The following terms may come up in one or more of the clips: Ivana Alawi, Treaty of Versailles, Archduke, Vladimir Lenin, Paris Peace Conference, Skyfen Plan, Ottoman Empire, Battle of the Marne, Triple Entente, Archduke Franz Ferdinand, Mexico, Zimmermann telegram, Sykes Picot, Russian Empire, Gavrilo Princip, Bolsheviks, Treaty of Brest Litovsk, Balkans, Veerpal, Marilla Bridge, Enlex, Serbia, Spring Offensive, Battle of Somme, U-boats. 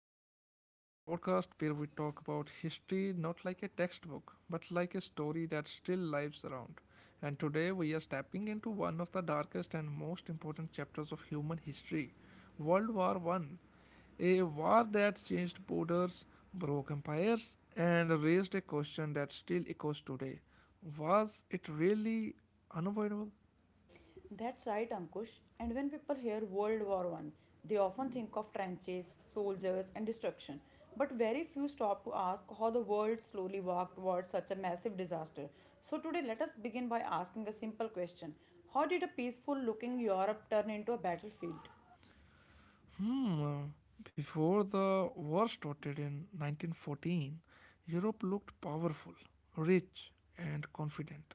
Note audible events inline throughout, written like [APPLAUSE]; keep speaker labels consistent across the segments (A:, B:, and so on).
A: welcome back to our podcast where we talk about history not like a textbook but like a story that still lives around. And today we are stepping into one of the darkest and most important chapters of human history, World War One. A war that changed borders, broke empires, and raised a question that still echoes today. Was it really unavoidable?
B: That's right, Ankush. And when people hear World War One, they often think of trenches, soldiers, and destruction. But very few stop to ask how the world slowly walked towards such a massive disaster. So today, let us begin by asking a simple question: How did a peaceful-looking Europe turn into a battlefield?
A: Hmm, uh, Before the war started in 1914, Europe looked powerful, rich, and confident,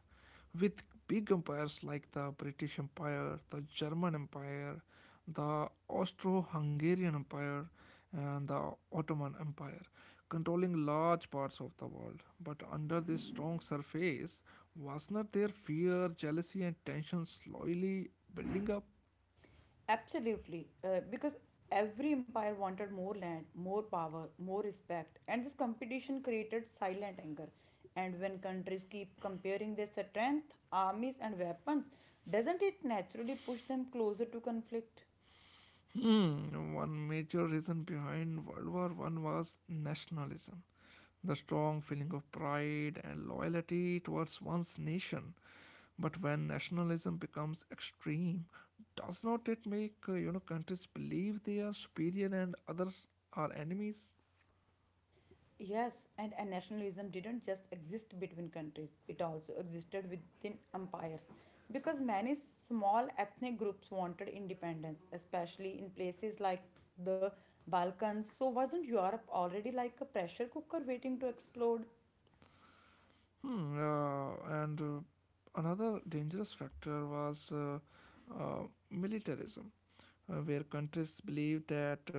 A: with big empires like the British Empire, the German Empire, the Austro Hungarian Empire, and the Ottoman Empire, controlling large parts of the world. But under this strong surface, was not there fear, jealousy, and tension slowly building up?
B: Absolutely, because every empire wanted more land, more power, more respect, and this competition created silent anger. And when countries keep comparing their strength, armies, and weapons, doesn't it naturally push them closer to conflict?
A: Hmm, one major reason behind World War One was nationalism, the strong feeling of pride and loyalty towards one's nation. But when nationalism becomes extreme, does not it make countries believe they are superior and others are enemies?
B: Yes, and nationalism didn't just exist between countries, it also existed within empires. Because many small ethnic groups wanted independence, especially in places like the Balkans. So, wasn't Europe already like a pressure cooker waiting to explode?
A: Hmm, and Another dangerous factor was uh, militarism, where countries believed that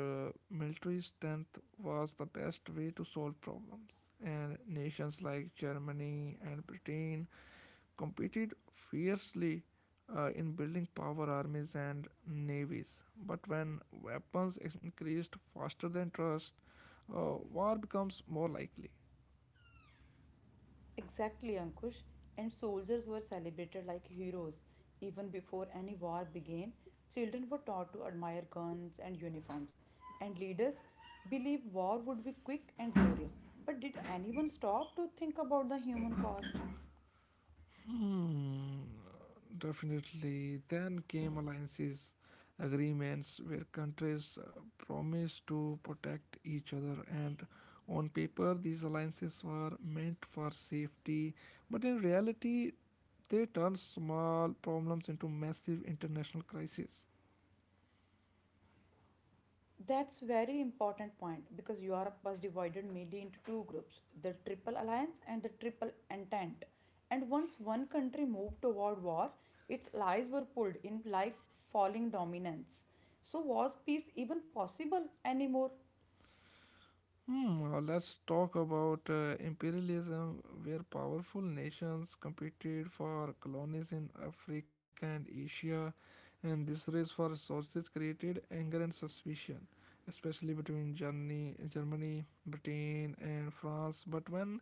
A: military strength was the best way to solve problems. And nations like Germany and Britain competed fiercely in building power armies and navies. But when weapons increased faster than trust, war becomes more likely.
B: Exactly, Ankush. And soldiers were celebrated like heroes. Even before any war began, children were taught to admire guns and uniforms. And leaders believed war would be quick and glorious. But did anyone stop to think about the human cost?
A: Hmm, definitely. Then came alliances, agreements where countries promise to protect each other, and on paper, these alliances were meant for safety, but in reality, they turned small problems into massive international crises.
B: That's very important point because Europe was divided mainly into two groups, the Triple Alliance and the Triple Entente. And once one country moved toward war, its allies were pulled in like falling dominance. So was peace even possible anymore?
A: Let's talk about imperialism, where powerful nations competed for colonies in Africa and Asia, and this race for resources created anger and suspicion, especially between Germany, Britain, and France. But when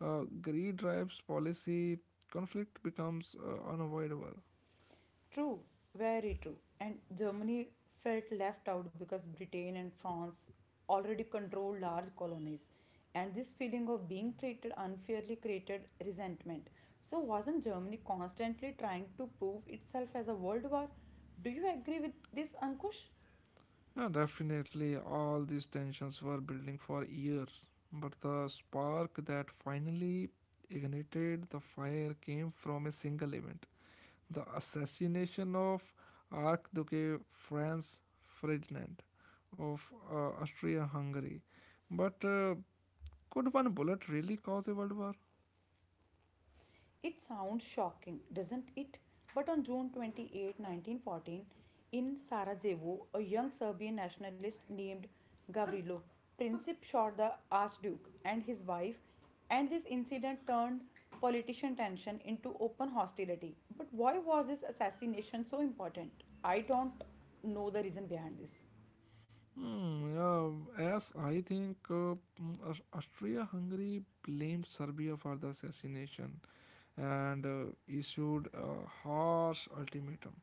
A: greed drives policy, conflict becomes unavoidable.
B: True, very true. And Germany felt left out because Britain and France already controlled large colonies. And this feeling of being treated unfairly created resentment. So, wasn't Germany constantly trying to prove itself as a world war? Do you agree with this, Ankush?
A: Yeah, definitely, all these tensions were building for years, but the spark that finally ignited the fire came from a single event, the assassination of Archduke Franz Ferdinand of Austria Hungary. But could one bullet really cause a world war?
B: It sounds shocking, doesn't it? But on June 28, 1914, in Sarajevo, a young Serbian nationalist named Gavrilo Princip shot the Archduke and his wife, and this incident turned politician tension into open hostility. But why was this assassination so important? I don't know the reason behind this.
A: Hmm, yeah, as I think Austria Hungary blamed Serbia for the assassination, and issued a harsh ultimatum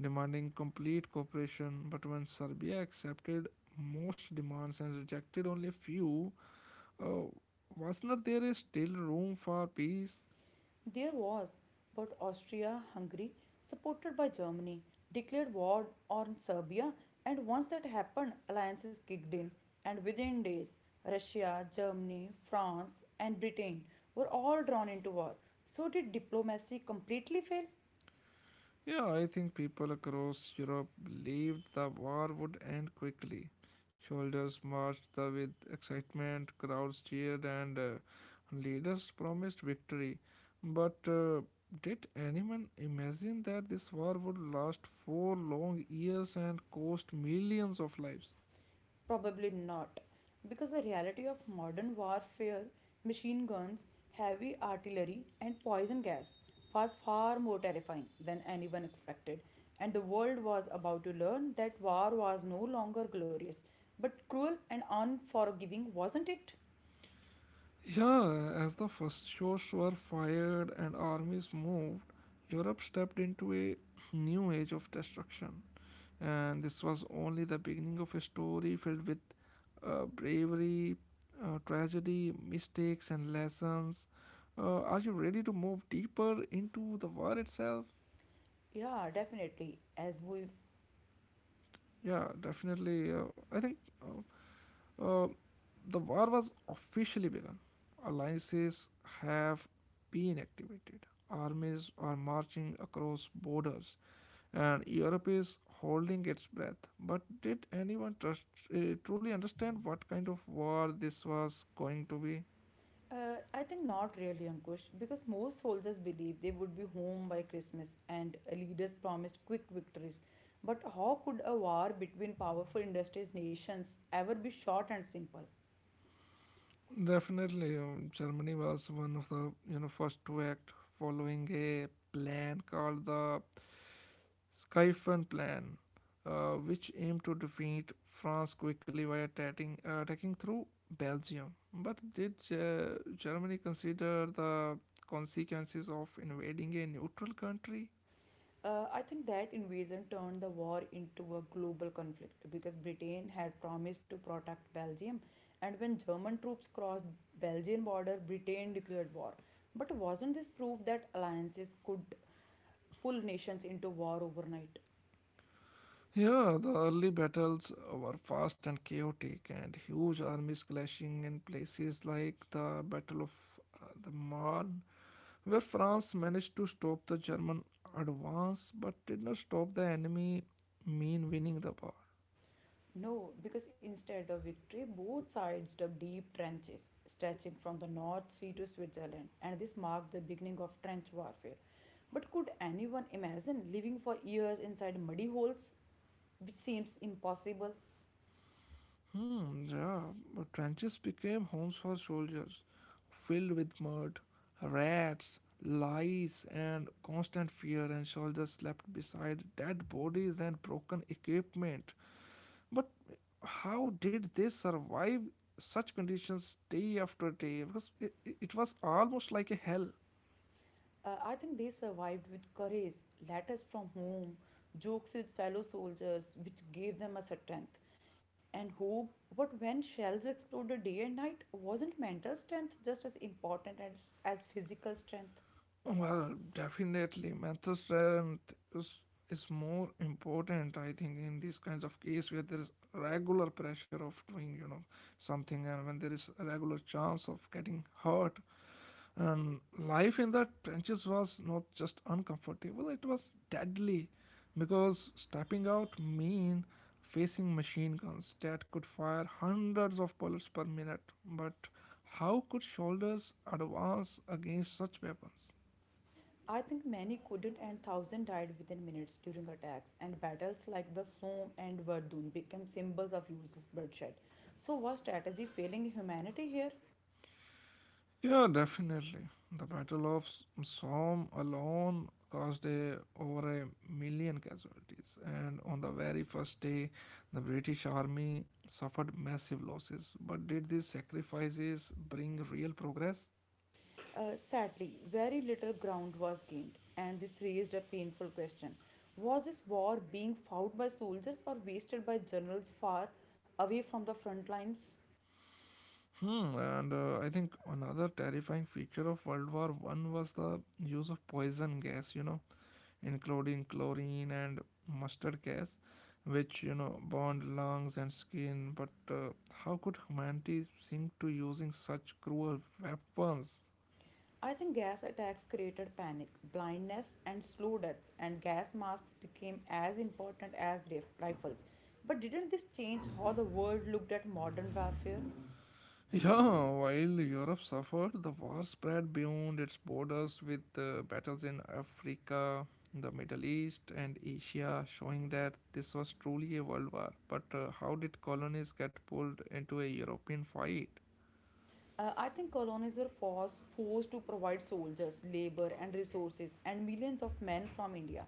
A: demanding complete cooperation. But when Serbia accepted most demands and rejected only few, uh, was not there is still room for peace?
B: There was, but Austria Hungary, supported by Germany, declared war on Serbia, and once that happened, alliances kicked in, and within days, Russia, Germany, France, and Britain were all drawn into war. So, did diplomacy completely fail?
A: Yeah, I think people across Europe believed the war would end quickly. Soldiers with excitement, crowds cheered, and leaders promised victory. But did anyone imagine that this war would last four long years and cost millions of lives?
B: Probably not, because the reality of modern warfare, machine guns, heavy artillery, and poison gas was far more terrifying than anyone expected, and the world was about to learn that war was no longer glorious, but cruel and unforgiving, wasn't it?
A: Yeah, as the first shots were fired and armies moved, Europe stepped into a new age of destruction, and this was only the beginning of a story filled with bravery, tragedy, mistakes, and lessons. Are you ready to move deeper into the war itself?
B: Yeah, definitely. As we
A: Yeah, definitely. I think uh, uh, the war was officially begun. Alliances have been activated. Armies are marching across borders, and Europe is holding its breath. But did anyone trust, truly understand what kind of war this was going to be?
B: I think not really, Ankush, because most soldiers believed they would be home by Christmas and leaders promised quick victories. But how could a war between powerful industrious nations ever be short and simple?
A: Definitely. Germany was one of the first to act, following a plan called the Skyfen Plan, which aimed to defeat France quickly by attacking through Belgium. But did Germany consider the consequences of invading a neutral country?
B: I think that invasion turned the war into a global conflict because Britain had promised to protect Belgium, and when German troops crossed Belgian border, Britain declared war. But wasn't this proof that alliances could pull nations into war overnight?
A: Yeah, the early battles were fast and chaotic, and huge armies clashing in places like the Battle of the Marne, where France managed to stop the German advance but did not stop the enemy mean winning the war.
B: No, because instead of victory, both sides dug deep trenches stretching from the North Sea to Switzerland, and this marked the beginning of trench warfare. But could anyone imagine living for years inside muddy holes, which seems impossible?
A: Hmm, yeah, but trenches became homes for soldiers, filled with mud, rats, lies, and constant fear, and soldiers slept beside dead bodies and broken equipment. But how did they survive such conditions day after day? Because it was almost like a hell.
B: I think they survived with courage, letters from home, jokes with fellow soldiers, which gave them a strength and hope. But when shells exploded day and night, wasn't mental strength just as important as physical strength?
A: Well, definitely, mental is more important, I think, in these kinds of case where there is regular pressure of doing, you know, something, and when there is a regular chance of getting hurt. And life in the trenches was not just uncomfortable, it was deadly because stepping out mean facing machine guns that could fire hundreds of bullets per minute. But how could soldiers advance against such weapons?
B: I think many couldn't, and thousands died within minutes during attacks, and battles like the Somme and Verdun became symbols of useless bloodshed. So, was strategy failing humanity here?
A: Yeah, definitely. The Battle of Somme alone caused over a million casualties, and on the very first day, the British army suffered massive losses. But did these sacrifices bring real progress?
B: Sadly, very little ground was gained, and this raised a painful question: Was this war being fought by soldiers or wasted by generals far away from the front lines?
A: Hmm, and I think another terrifying feature of World War One was the use of poison gas. You know, including chlorine and mustard gas, which bond lungs and skin. But how could humanity sink to using such cruel weapons?
B: I think gas attacks created panic, blindness, and slow deaths, and gas masks became as important as rifles. But didn't this change how the world looked at modern warfare?
A: Yeah, while Europe suffered, the war spread beyond its borders with battles in Africa, the Middle East, and Asia, showing that this was truly a world war. But how did colonies get pulled into a European fight?
B: I think colonies were forced to provide soldiers, labor, and resources, and millions of men from India,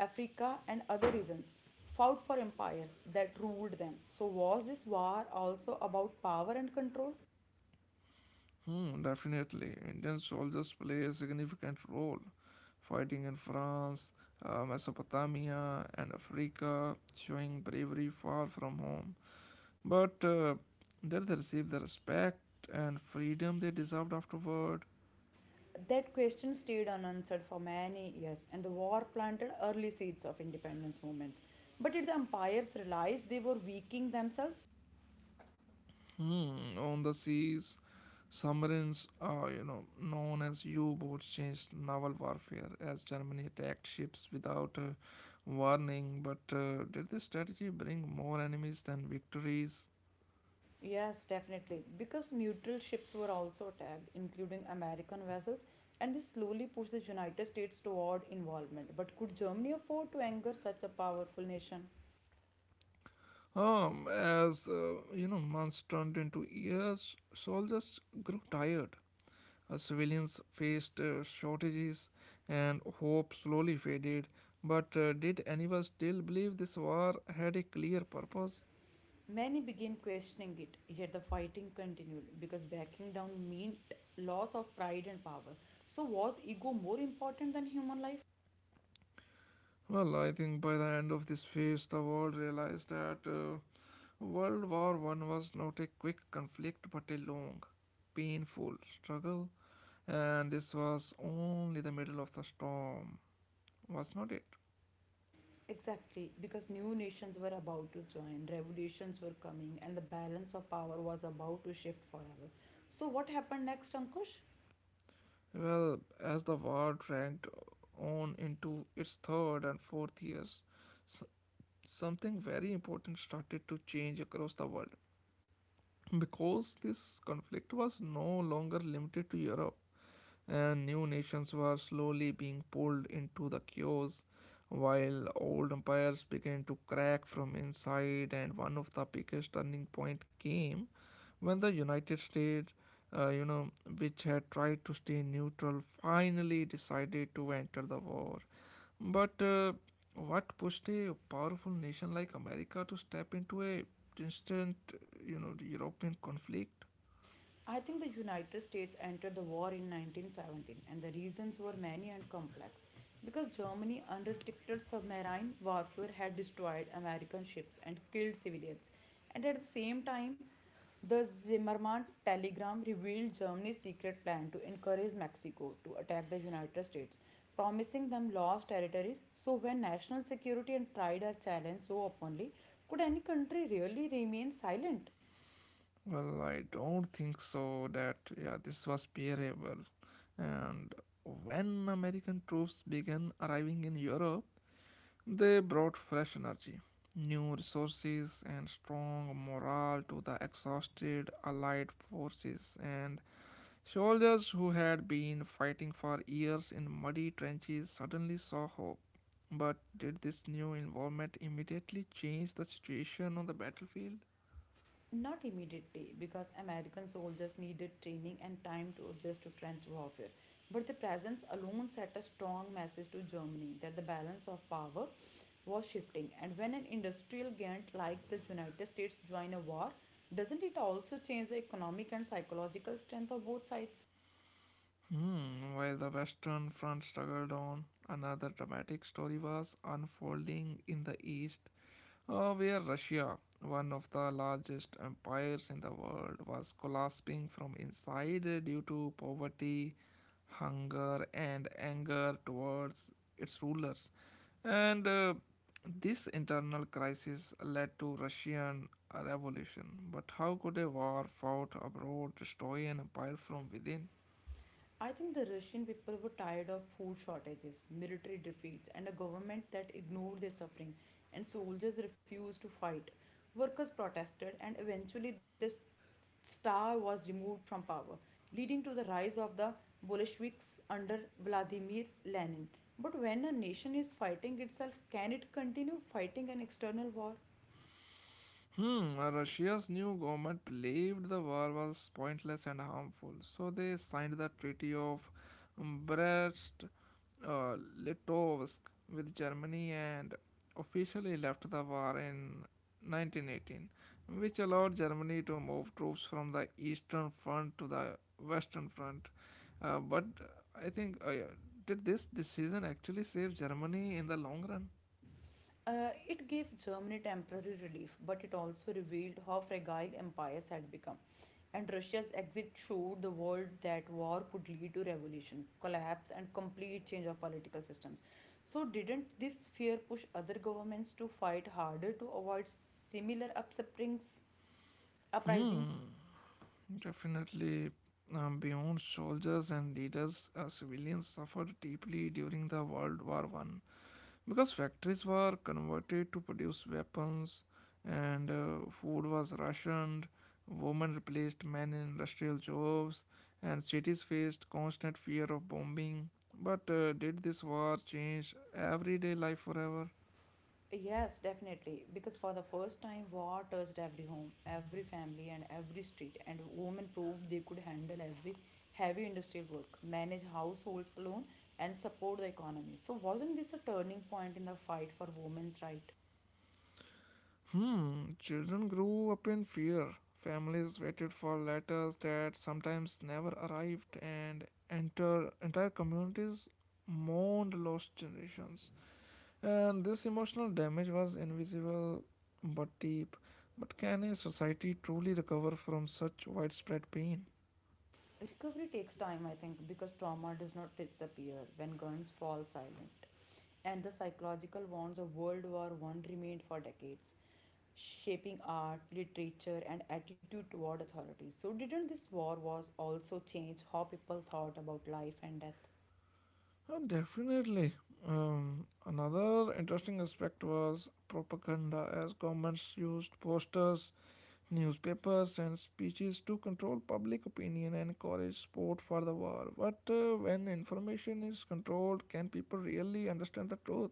B: Africa, and other regions fought for empires that ruled them. So, was this war also about power and control?
A: Hmm, definitely. Indian soldiers play a significant role, fighting in France, Mesopotamia, and Africa, showing bravery far from home. But did they receive the respect and freedom they deserved afterward?
B: That question stayed unanswered for many years, and the war planted early seeds of independence movements. But did the empires realize they were weakening themselves?
A: Hmm, on the seas, submarines, known as U-boats, changed naval warfare as Germany attacked ships without warning. But did this strategy bring more enemies than victories?
B: Yes, definitely, because neutral ships were also attacked, including American vessels, and this slowly pushed the United States toward involvement. But could Germany afford to anger such a powerful nation?
A: Months turned into years, soldiers grew tired. Civilians faced shortages, and hope slowly faded. But did anyone still believe this war had a clear purpose?
B: Many began questioning it, yet the fighting continued because backing down meant loss of pride and power. So, was ego more important than human life?
A: Well, I think by the end of this phase, the world realized that World War One was not a quick conflict, but a long, painful struggle, and this was only the middle of the storm, was not it?
B: Exactly, because new nations were about to join, revolutions were coming, and the balance of power was about to shift forever. So, what happened next, Ankush?
A: Well, as the war dragged on into its third and fourth years, s- something very important started to change across the world, because this conflict was no longer limited to Europe and new nations were slowly being pulled into the chaos while old empires began to crack from inside, and one of the biggest turning point came when the United States, uh, you know which had tried to stay neutral, finally decided to enter the war. But what pushed a powerful nation like America to step into a distant, European conflict?
B: I think the United States entered the war in 1917 and the reasons were many and complex. Because Germany unrestricted submarine warfare had destroyed American ships and killed civilians. And at the same time, the Zimmermann telegram revealed Germany's secret plan to encourage Mexico to attack the United States, promising them lost territories. So, when national security and pride are challenged so openly, could any country really remain silent?
A: Well, I don't think so that yeah, this was bearable. And when American troops began arriving in Europe, they brought fresh energy, new resources, and strong morale to the exhausted Allied forces. And soldiers who had been fighting for years in muddy trenches suddenly saw hope. But did this new involvement immediately change the situation on the battlefield?
B: Not immediately, because American soldiers needed training and time to adjust to trench warfare. But the presence alone sent a strong message to Germany that the balance of power was shifting. And when an industrial giant like the United States joins a war, doesn't it also change the economic and psychological strength of both sides?
A: Hmm, while the Western Front struggled on, another dramatic story was unfolding in the East, where Russia, one of the largest empires in the world, was collapsing from inside due to poverty, hunger, and anger towards its rulers. And this internal crisis led to Russian revolution. But how could a war fought abroad destroy an empire from within?
B: I think the Russian people were tired of food shortages, military defeats, and a government that ignored their suffering, and soldiers refused to fight. Workers protested, and eventually the star was removed from power, leading to the rise of the Bolsheviks under Vladimir Lenin. But when a nation is fighting itself, can it continue fighting an external war?
A: Hmm, Russia's new government believed the war was pointless and harmful, so they signed the Treaty of Brest uh, Litovsk with Germany and officially left the war in 1918, which allowed Germany to move troops from the Eastern Front to the Western Front. But I think, yeah, Did this decision actually save Germany in the long run?
B: It gave Germany temporary relief, but it also revealed how fragile empires had become. And Russia's exit showed the world that war could lead to revolution, collapse, and complete change of political systems. So, didn't this fear push other governments to fight harder to avoid similar uprisings?
A: Hmm, Definitely. Beyond soldiers and leaders, civilians suffered deeply during the World War One because factories were converted to produce weapons, and food was rationed. Women replaced men in industrial jobs, and cities faced constant fear of bombing. But did this war change everyday life forever?
B: Yes, definitely. Because for the first time, war touched every home, every family, and every street. And women proved they could handle every heavy industrial work, manage households alone, and support the economy. So, wasn't this a turning point in the fight for women's right?
A: Hmm, children grew up in fear. Families waited for letters that sometimes never arrived, and entire communities mourned lost generations. And this emotional damage was invisible but deep. But can a society truly recover from such widespread pain?
B: Recovery takes time, I think, because trauma does not disappear when guns fall silent. And the psychological wounds of World War One remained for decades, shaping art, literature, and attitude toward authority. So, didn't this war was also change how people thought about life and death?
A: Oh, definitely. Another interesting aspect was propaganda, as governments used posters, newspapers and speeches to control public opinion and encourage support for the war. But when information is controlled, can people really understand the truth?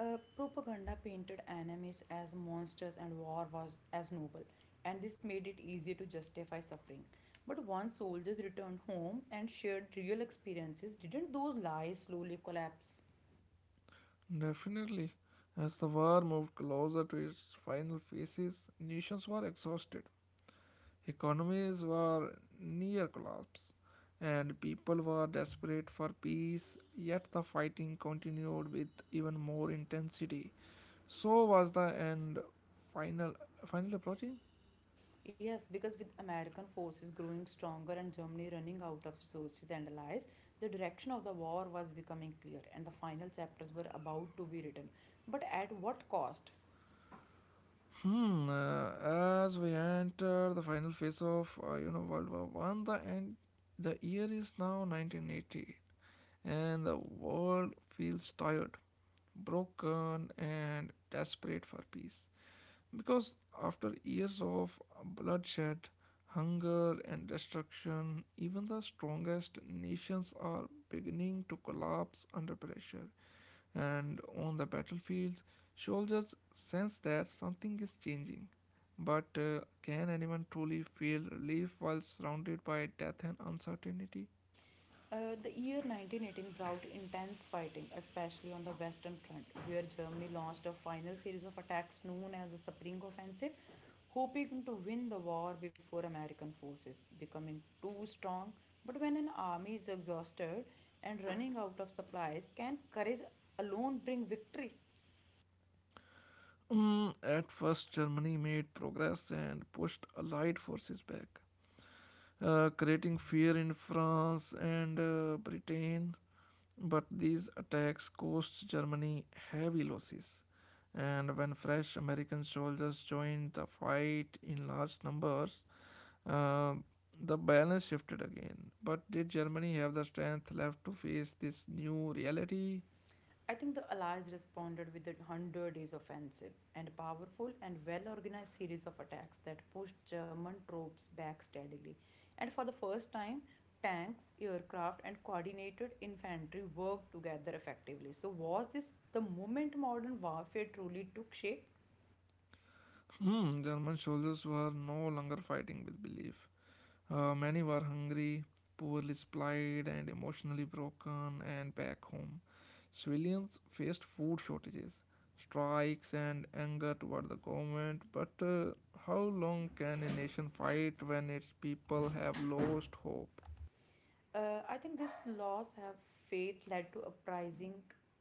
B: Propaganda painted enemies as monsters and war was as noble, and this made it easier to justify suffering. But once soldiers returned home and shared real experiences, didn't those lies slowly collapse?
A: Definitely. As the war moved closer to its final phases, nations were exhausted, economies were near collapse, and people were desperate for peace. Yet the fighting continued with even more intensity. So was the end final final approaching?
B: Yes, because with American forces growing stronger and Germany running out of resources and allies, the direction of the war was becoming clear and the final chapters were about to be written. But at what cost?
A: Hmm. uh, as we enter the final phase of World War One, the end, the year is now 1980, and the world feels tired, broken, and desperate for peace. Because after years of bloodshed, hunger, and destruction, even the strongest nations are beginning to collapse under pressure. And on the battlefields, soldiers sense that something is changing. But can anyone truly feel relief while surrounded by death and uncertainty?
B: The year 1918 brought intense fighting, especially on the Western Front, where Germany launched a final series of attacks known as the Spring Offensive, hoping to win the war before American forces becoming too strong. But when an army is exhausted and running out of supplies, can courage alone bring victory?
A: Mm, at first, Germany made progress and pushed Allied forces back, creating fear in France and Britain. But these attacks cost Germany heavy losses. And when fresh American soldiers joined the fight in large numbers, uh, the balance shifted again. But did Germany have the strength left to face this new reality?
B: I think the Allies responded with a 100 days offensive and a powerful and well organized series of attacks that pushed German troops back steadily. And for the first time, tanks, aircraft, and coordinated infantry worked together effectively. So, was this the moment modern warfare truly took shape?
A: Hmm, German soldiers were no longer fighting with belief. Many were hungry, poorly supplied, and emotionally broken, and back home. Civilians faced food shortages, strikes, and anger toward the government. But how long can a nation fight when its people have lost hope?
B: I think these laws have faith led to uprising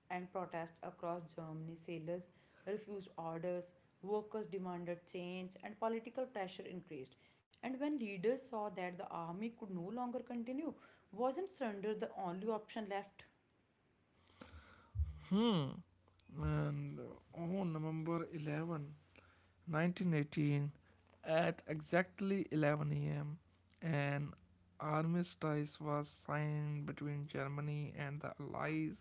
B: and protest across Germany. Sailors refused orders, workers demanded change, and political pressure increased. And when leaders saw that the army could no longer continue, wasn't surrender the only option left?
A: Hmm. And On November 11, 1918, at exactly 11 a.m., an armistice was signed between Germany and the Allies,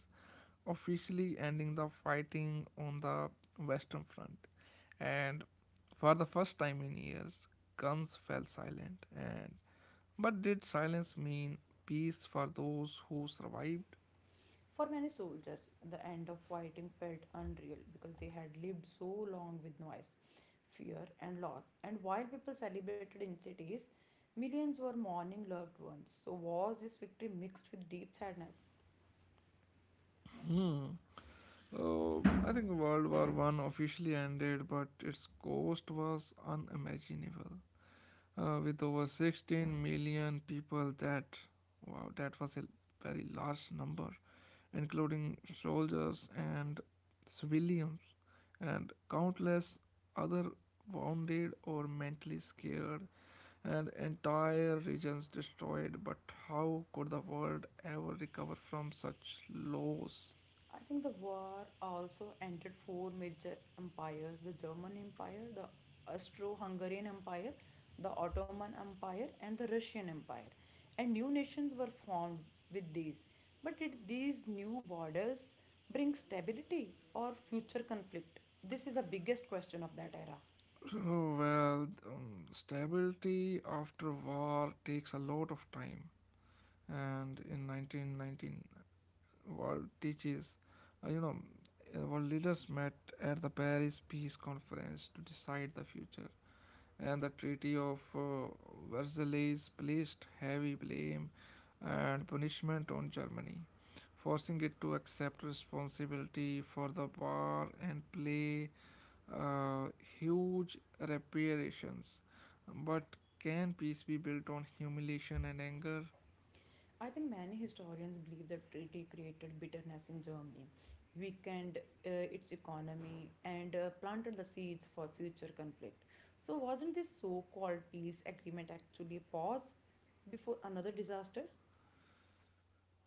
A: officially ending the fighting on the Western Front. And for the first time in years, guns fell silent. And but did silence mean peace for those who survived?
B: For many soldiers, the end of fighting felt unreal because they had lived so long with noise, fear, and loss. And while people celebrated in cities, millions were mourning loved ones. So, was this victory mixed with deep sadness?
A: Hmm. Oh, I think World War One officially ended, but its cost was unimaginable. With over 16 million people, that, wow, that was a very large number, including soldiers and civilians and countless other wounded or mentally scared, and entire regions destroyed. But how could the world ever recover from such loss?
B: I think the war also entered four major empires: the German Empire, the Austro Hungarian Empire, the Ottoman Empire, and the Russian Empire. And new nations were formed with these. But did these new borders bring stability or future conflict? This is the biggest question of that era.
A: [SIGHS] Stability after war takes a lot of time, and in 1919, world teaches, you know, world leaders met at the Paris Peace Conference to decide the future. And the Treaty of Versailles placed heavy blame and punishment on Germany, forcing it to accept responsibility for the war and pay uh, huge reparations. But can peace be built on humiliation and anger?
B: I think many historians believe the treaty created bitterness in Germany, weakened uh, its economy, and planted the seeds for future conflict. So, wasn't this so called peace agreement actually a pause before another disaster?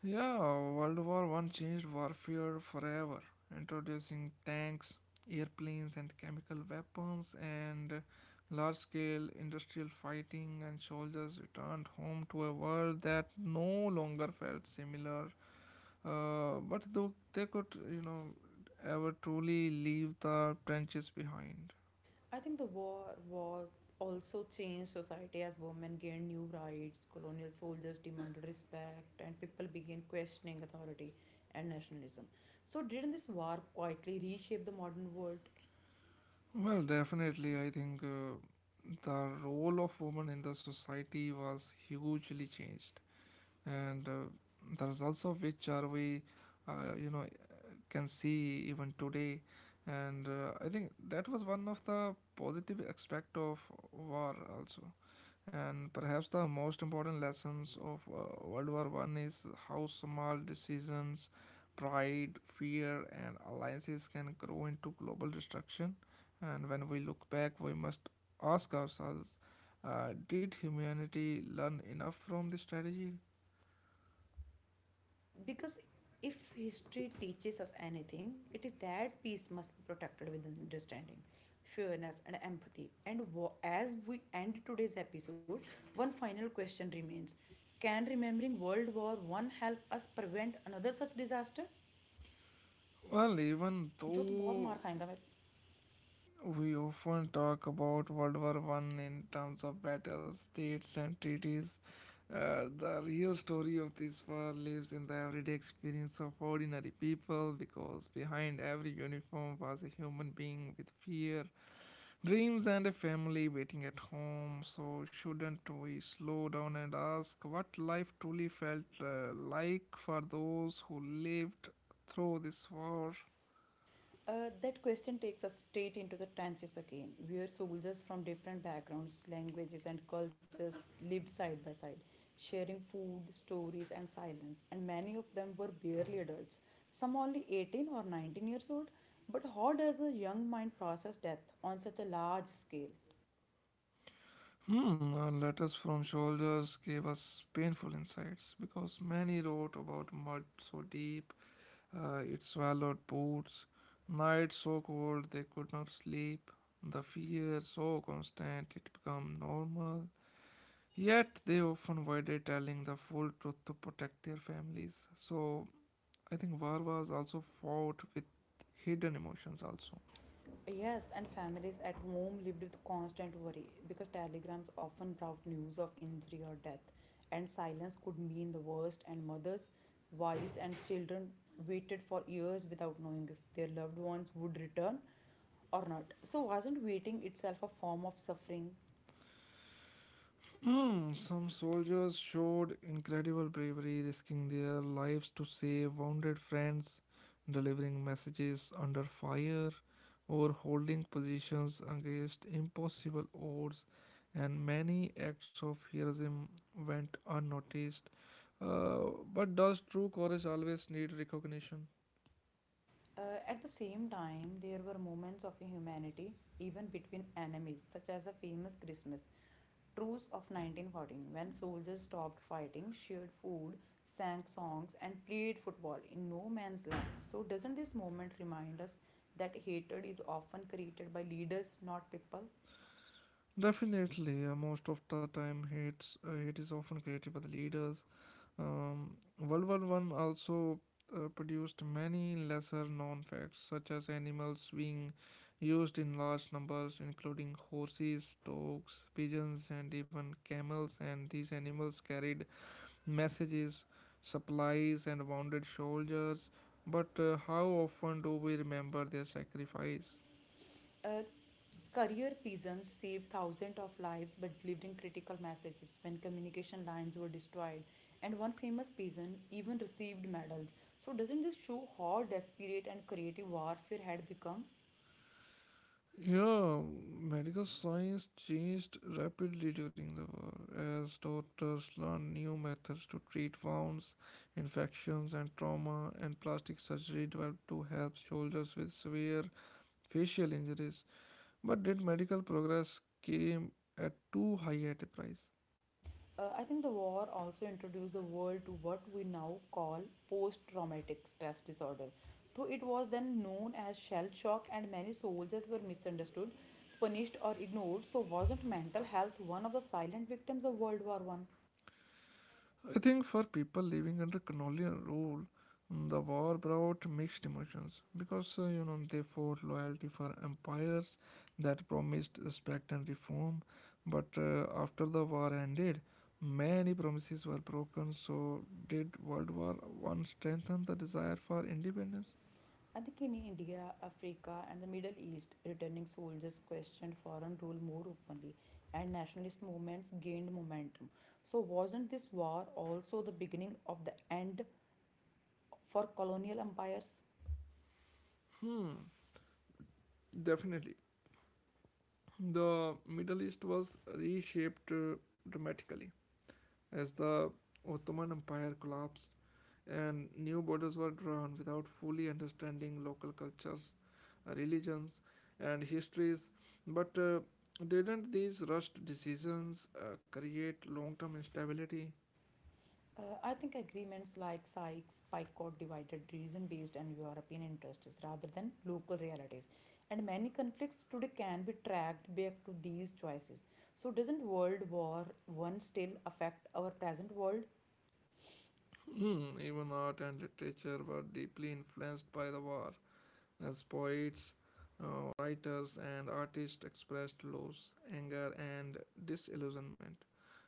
A: Yeah, World War One changed warfare forever, introducing tanks, airplanes, and chemical weapons, and large-scale industrial fighting. And soldiers returned home to a world that no longer felt similar. But though they could, ever truly leave the trenches behind.
B: I think the war was also changed society as women gained new rights, colonial soldiers demanded respect, and people began questioning authority and nationalism. So, didn't this war quietly reshape the modern world?
A: Well, definitely, I think the role of women in the society was hugely changed. And the results of which are we uh, you know can see even today. And I think that was one of the positive aspect of war also. And perhaps the most important lessons of world war one is how small decisions, pride, fear, and alliances can grow into global destruction. And when we look back, we must ask ourselves, did humanity learn enough from this strategy?
B: Because if history teaches us anything, it is that peace must be protected with understanding, fairness, and empathy. And as we end today's episode, one final question remains: Can remembering World War One help us prevent another such disaster?
A: Well, even
B: जो तो बहुत
A: though
B: मार खाएगा मैं।
A: we often talk about World War One in terms of battles, states, and treaties, the real story of this war lives in the everyday experience of ordinary people, because behind every uniform was a human being with fear, dreams, and a family waiting at home. So, shouldn't we slow down and ask what life truly felt like for those who lived through this war?
B: That question takes us straight into the trenches again, where soldiers from different backgrounds, languages, and cultures lived side by side, sharing food, stories, and silence. And many of them were barely adults, some only 18 or 19 years old. But how does a young mind process death on such a large scale?
A: Hmm, and letters from soldiers gave us painful insights because many wrote about mud so deep it swallowed boots, nights so cold they could not sleep, the fear so constant it became normal. Yet they often avoided telling the full truth to protect their families. So I think war was also fought with hidden emotions also.
B: Yes, and families at home lived with constant worry because telegrams often brought news of injury or death, and silence could mean the worst. And mothers, wives, and children waited for years without knowing if their loved ones would return or not. So, wasn't waiting itself a form of suffering?
A: Hmm, some soldiers showed incredible bravery, risking their lives to save wounded friends, delivering messages under fire, or holding positions against impossible odds, and many acts of heroism went unnoticed. Uh, but does true courage always need recognition?
B: At the same time, there were moments of humanity even between enemies, such as the famous Christmas Truce of 1914, when soldiers stopped fighting, shared food, sang songs, and played football in no man's land. So, doesn't this moment remind us that hatred is often created by leaders, not people?
A: Definitely, most of the time, hate is often created by the leaders. World War One also produced many lesser known facts, such as animals being used in large numbers, including horses, dogs, pigeons, and even camels. And these animals carried messages, supplies, and wounded soldiers. But how often do we remember their sacrifice?
B: Uh, Career peasants saved thousands of lives by delivering critical messages when communication lines were destroyed, and one famous peasant even received medals. So, doesn't this show how desperate and creative warfare had become?
A: Yeah, medical science changed rapidly during the war as doctors learned new methods to treat wounds, infections, and trauma, and plastic surgery developed to help soldiers with severe facial injuries. But did medical progress came at too high at a price?
B: I think the war also introduced the world to what we now call post traumatic stress disorder. Though it was then known as shell shock, and many soldiers were misunderstood, punished, or ignored, so wasn't mental health one of the silent victims of World War One?
A: I think for people living under colonial rule, mm, the war brought mixed emotions because you know they fought loyalty for empires that promised respect and reform, but after the war ended, many promises were broken. So did World War One strengthen the desire for independence?
B: I think in India, Africa, and the Middle East, returning soldiers questioned foreign rule more openly, and nationalist movements gained momentum. So, wasn't this war also the beginning of the end for colonial empires?
A: Hmm, definitely. The Middle East was reshaped dramatically as the Ottoman Empire collapsed and new borders were drawn without fully understanding local cultures, religions, and histories. But didn't these rushed decisions create long term instability?
B: I think agreements like Sykes Picot divided region based and European interests rather than local realities. And many conflicts today can be tracked back to these choices. So, doesn't World War One still affect our present world?
A: Hmm, even art and literature were deeply influenced by the war, as poets, writers, and artists expressed loss, anger, and disillusionment,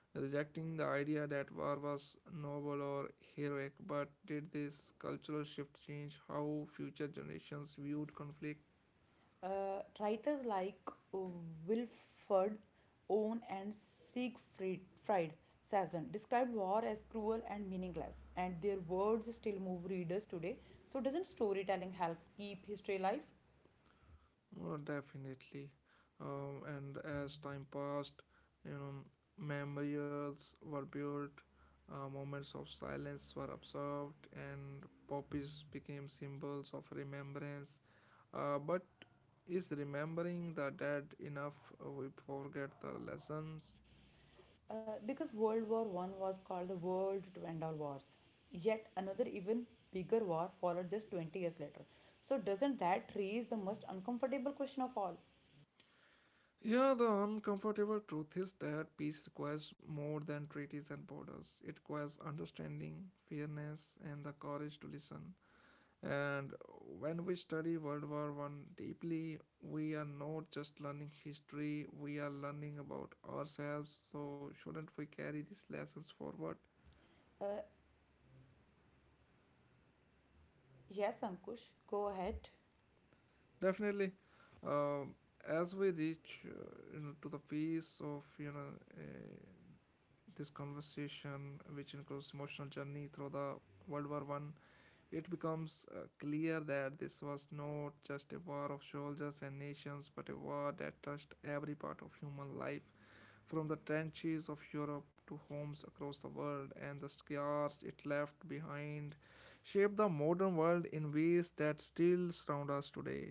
A: rejecting the idea that war was noble or heroic. But did this cultural shift change how future generations viewed conflict?
B: Writers like uh, Wilford Owen and Siegfried Fried Sazon described war as cruel and meaningless, and their words still move readers today. So, doesn't storytelling help keep history alive?
A: Well, definitely. And as time passed, you know, memorials were built, moments of silence were observed, and poppies became symbols of remembrance. But is remembering the dead enough? We forget the lessons.
B: Because World War One was called the world to end all wars. Yet another even bigger war followed just 20 years later. So doesn't that raise the most uncomfortable question of all?
A: Yeah, the uncomfortable truth is that peace requires more than treaties and borders. It requires understanding, fairness, and the courage to listen. And when we study World War One deeply, we are not just learning history, we are learning about ourselves. So, shouldn't we carry these lessons forward?
B: Uh, yes, Ankush, go ahead.
A: Definitely. Um as we reach to the peace of uh, this conversation, which includes emotional journey through the World War One, it becomes clear that this was not just a war of soldiers and nations, but a war that touched every part of human life, from the trenches of Europe to homes across the world, and the scars it left behind shaped the modern world in ways that still surround us today.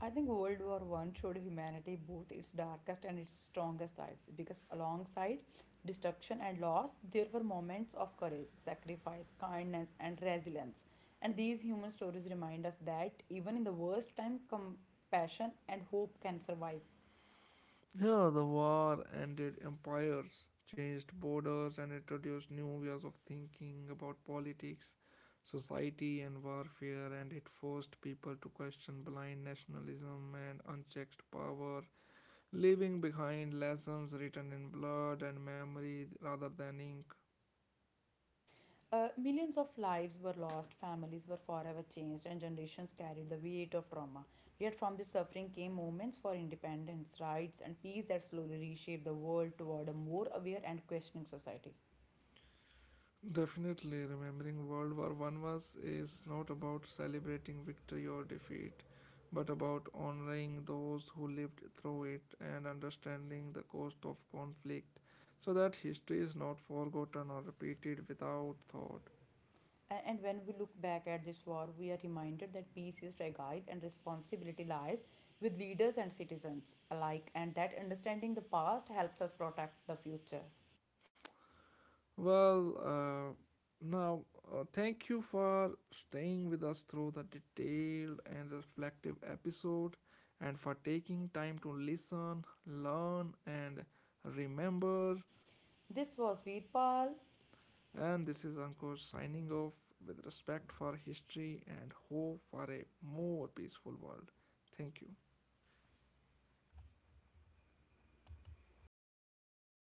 B: I think World War One showed humanity both its darkest and its strongest sides because alongside destruction and loss, there were moments of courage, sacrifice, kindness, and resilience. And these human stories remind us that even in the worst time, compassion and hope can survive.
A: Yeah, the war ended empires, changed borders, and introduced new ways of thinking about politics, society, and warfare, and it forced people to question blind nationalism and unchecked power, leaving behind lessons written in blood and memory rather than ink.
B: Millions of lives were lost, families were forever changed, and generations carried the weight of trauma. Yet, from this suffering came moments for independence, rights, and peace that slowly reshaped the world toward a more aware and questioning society.
A: Definitely, remembering World War One was is not about celebrating victory or defeat, but about honoring those who lived through it and understanding the cost of conflict, so that history is not forgotten or repeated without thought.
B: And when we look back at this war, we are reminded that peace is fragile and responsibility lies with leaders and citizens alike, and that understanding the past helps us protect the future.
A: Well, now thank you for staying with us through the detailed and reflective episode, and for taking time to listen, learn, and remember.
B: This was Veerpal
A: And this is Ankush signing off with respect for history and hope for a more peaceful world. Thank you.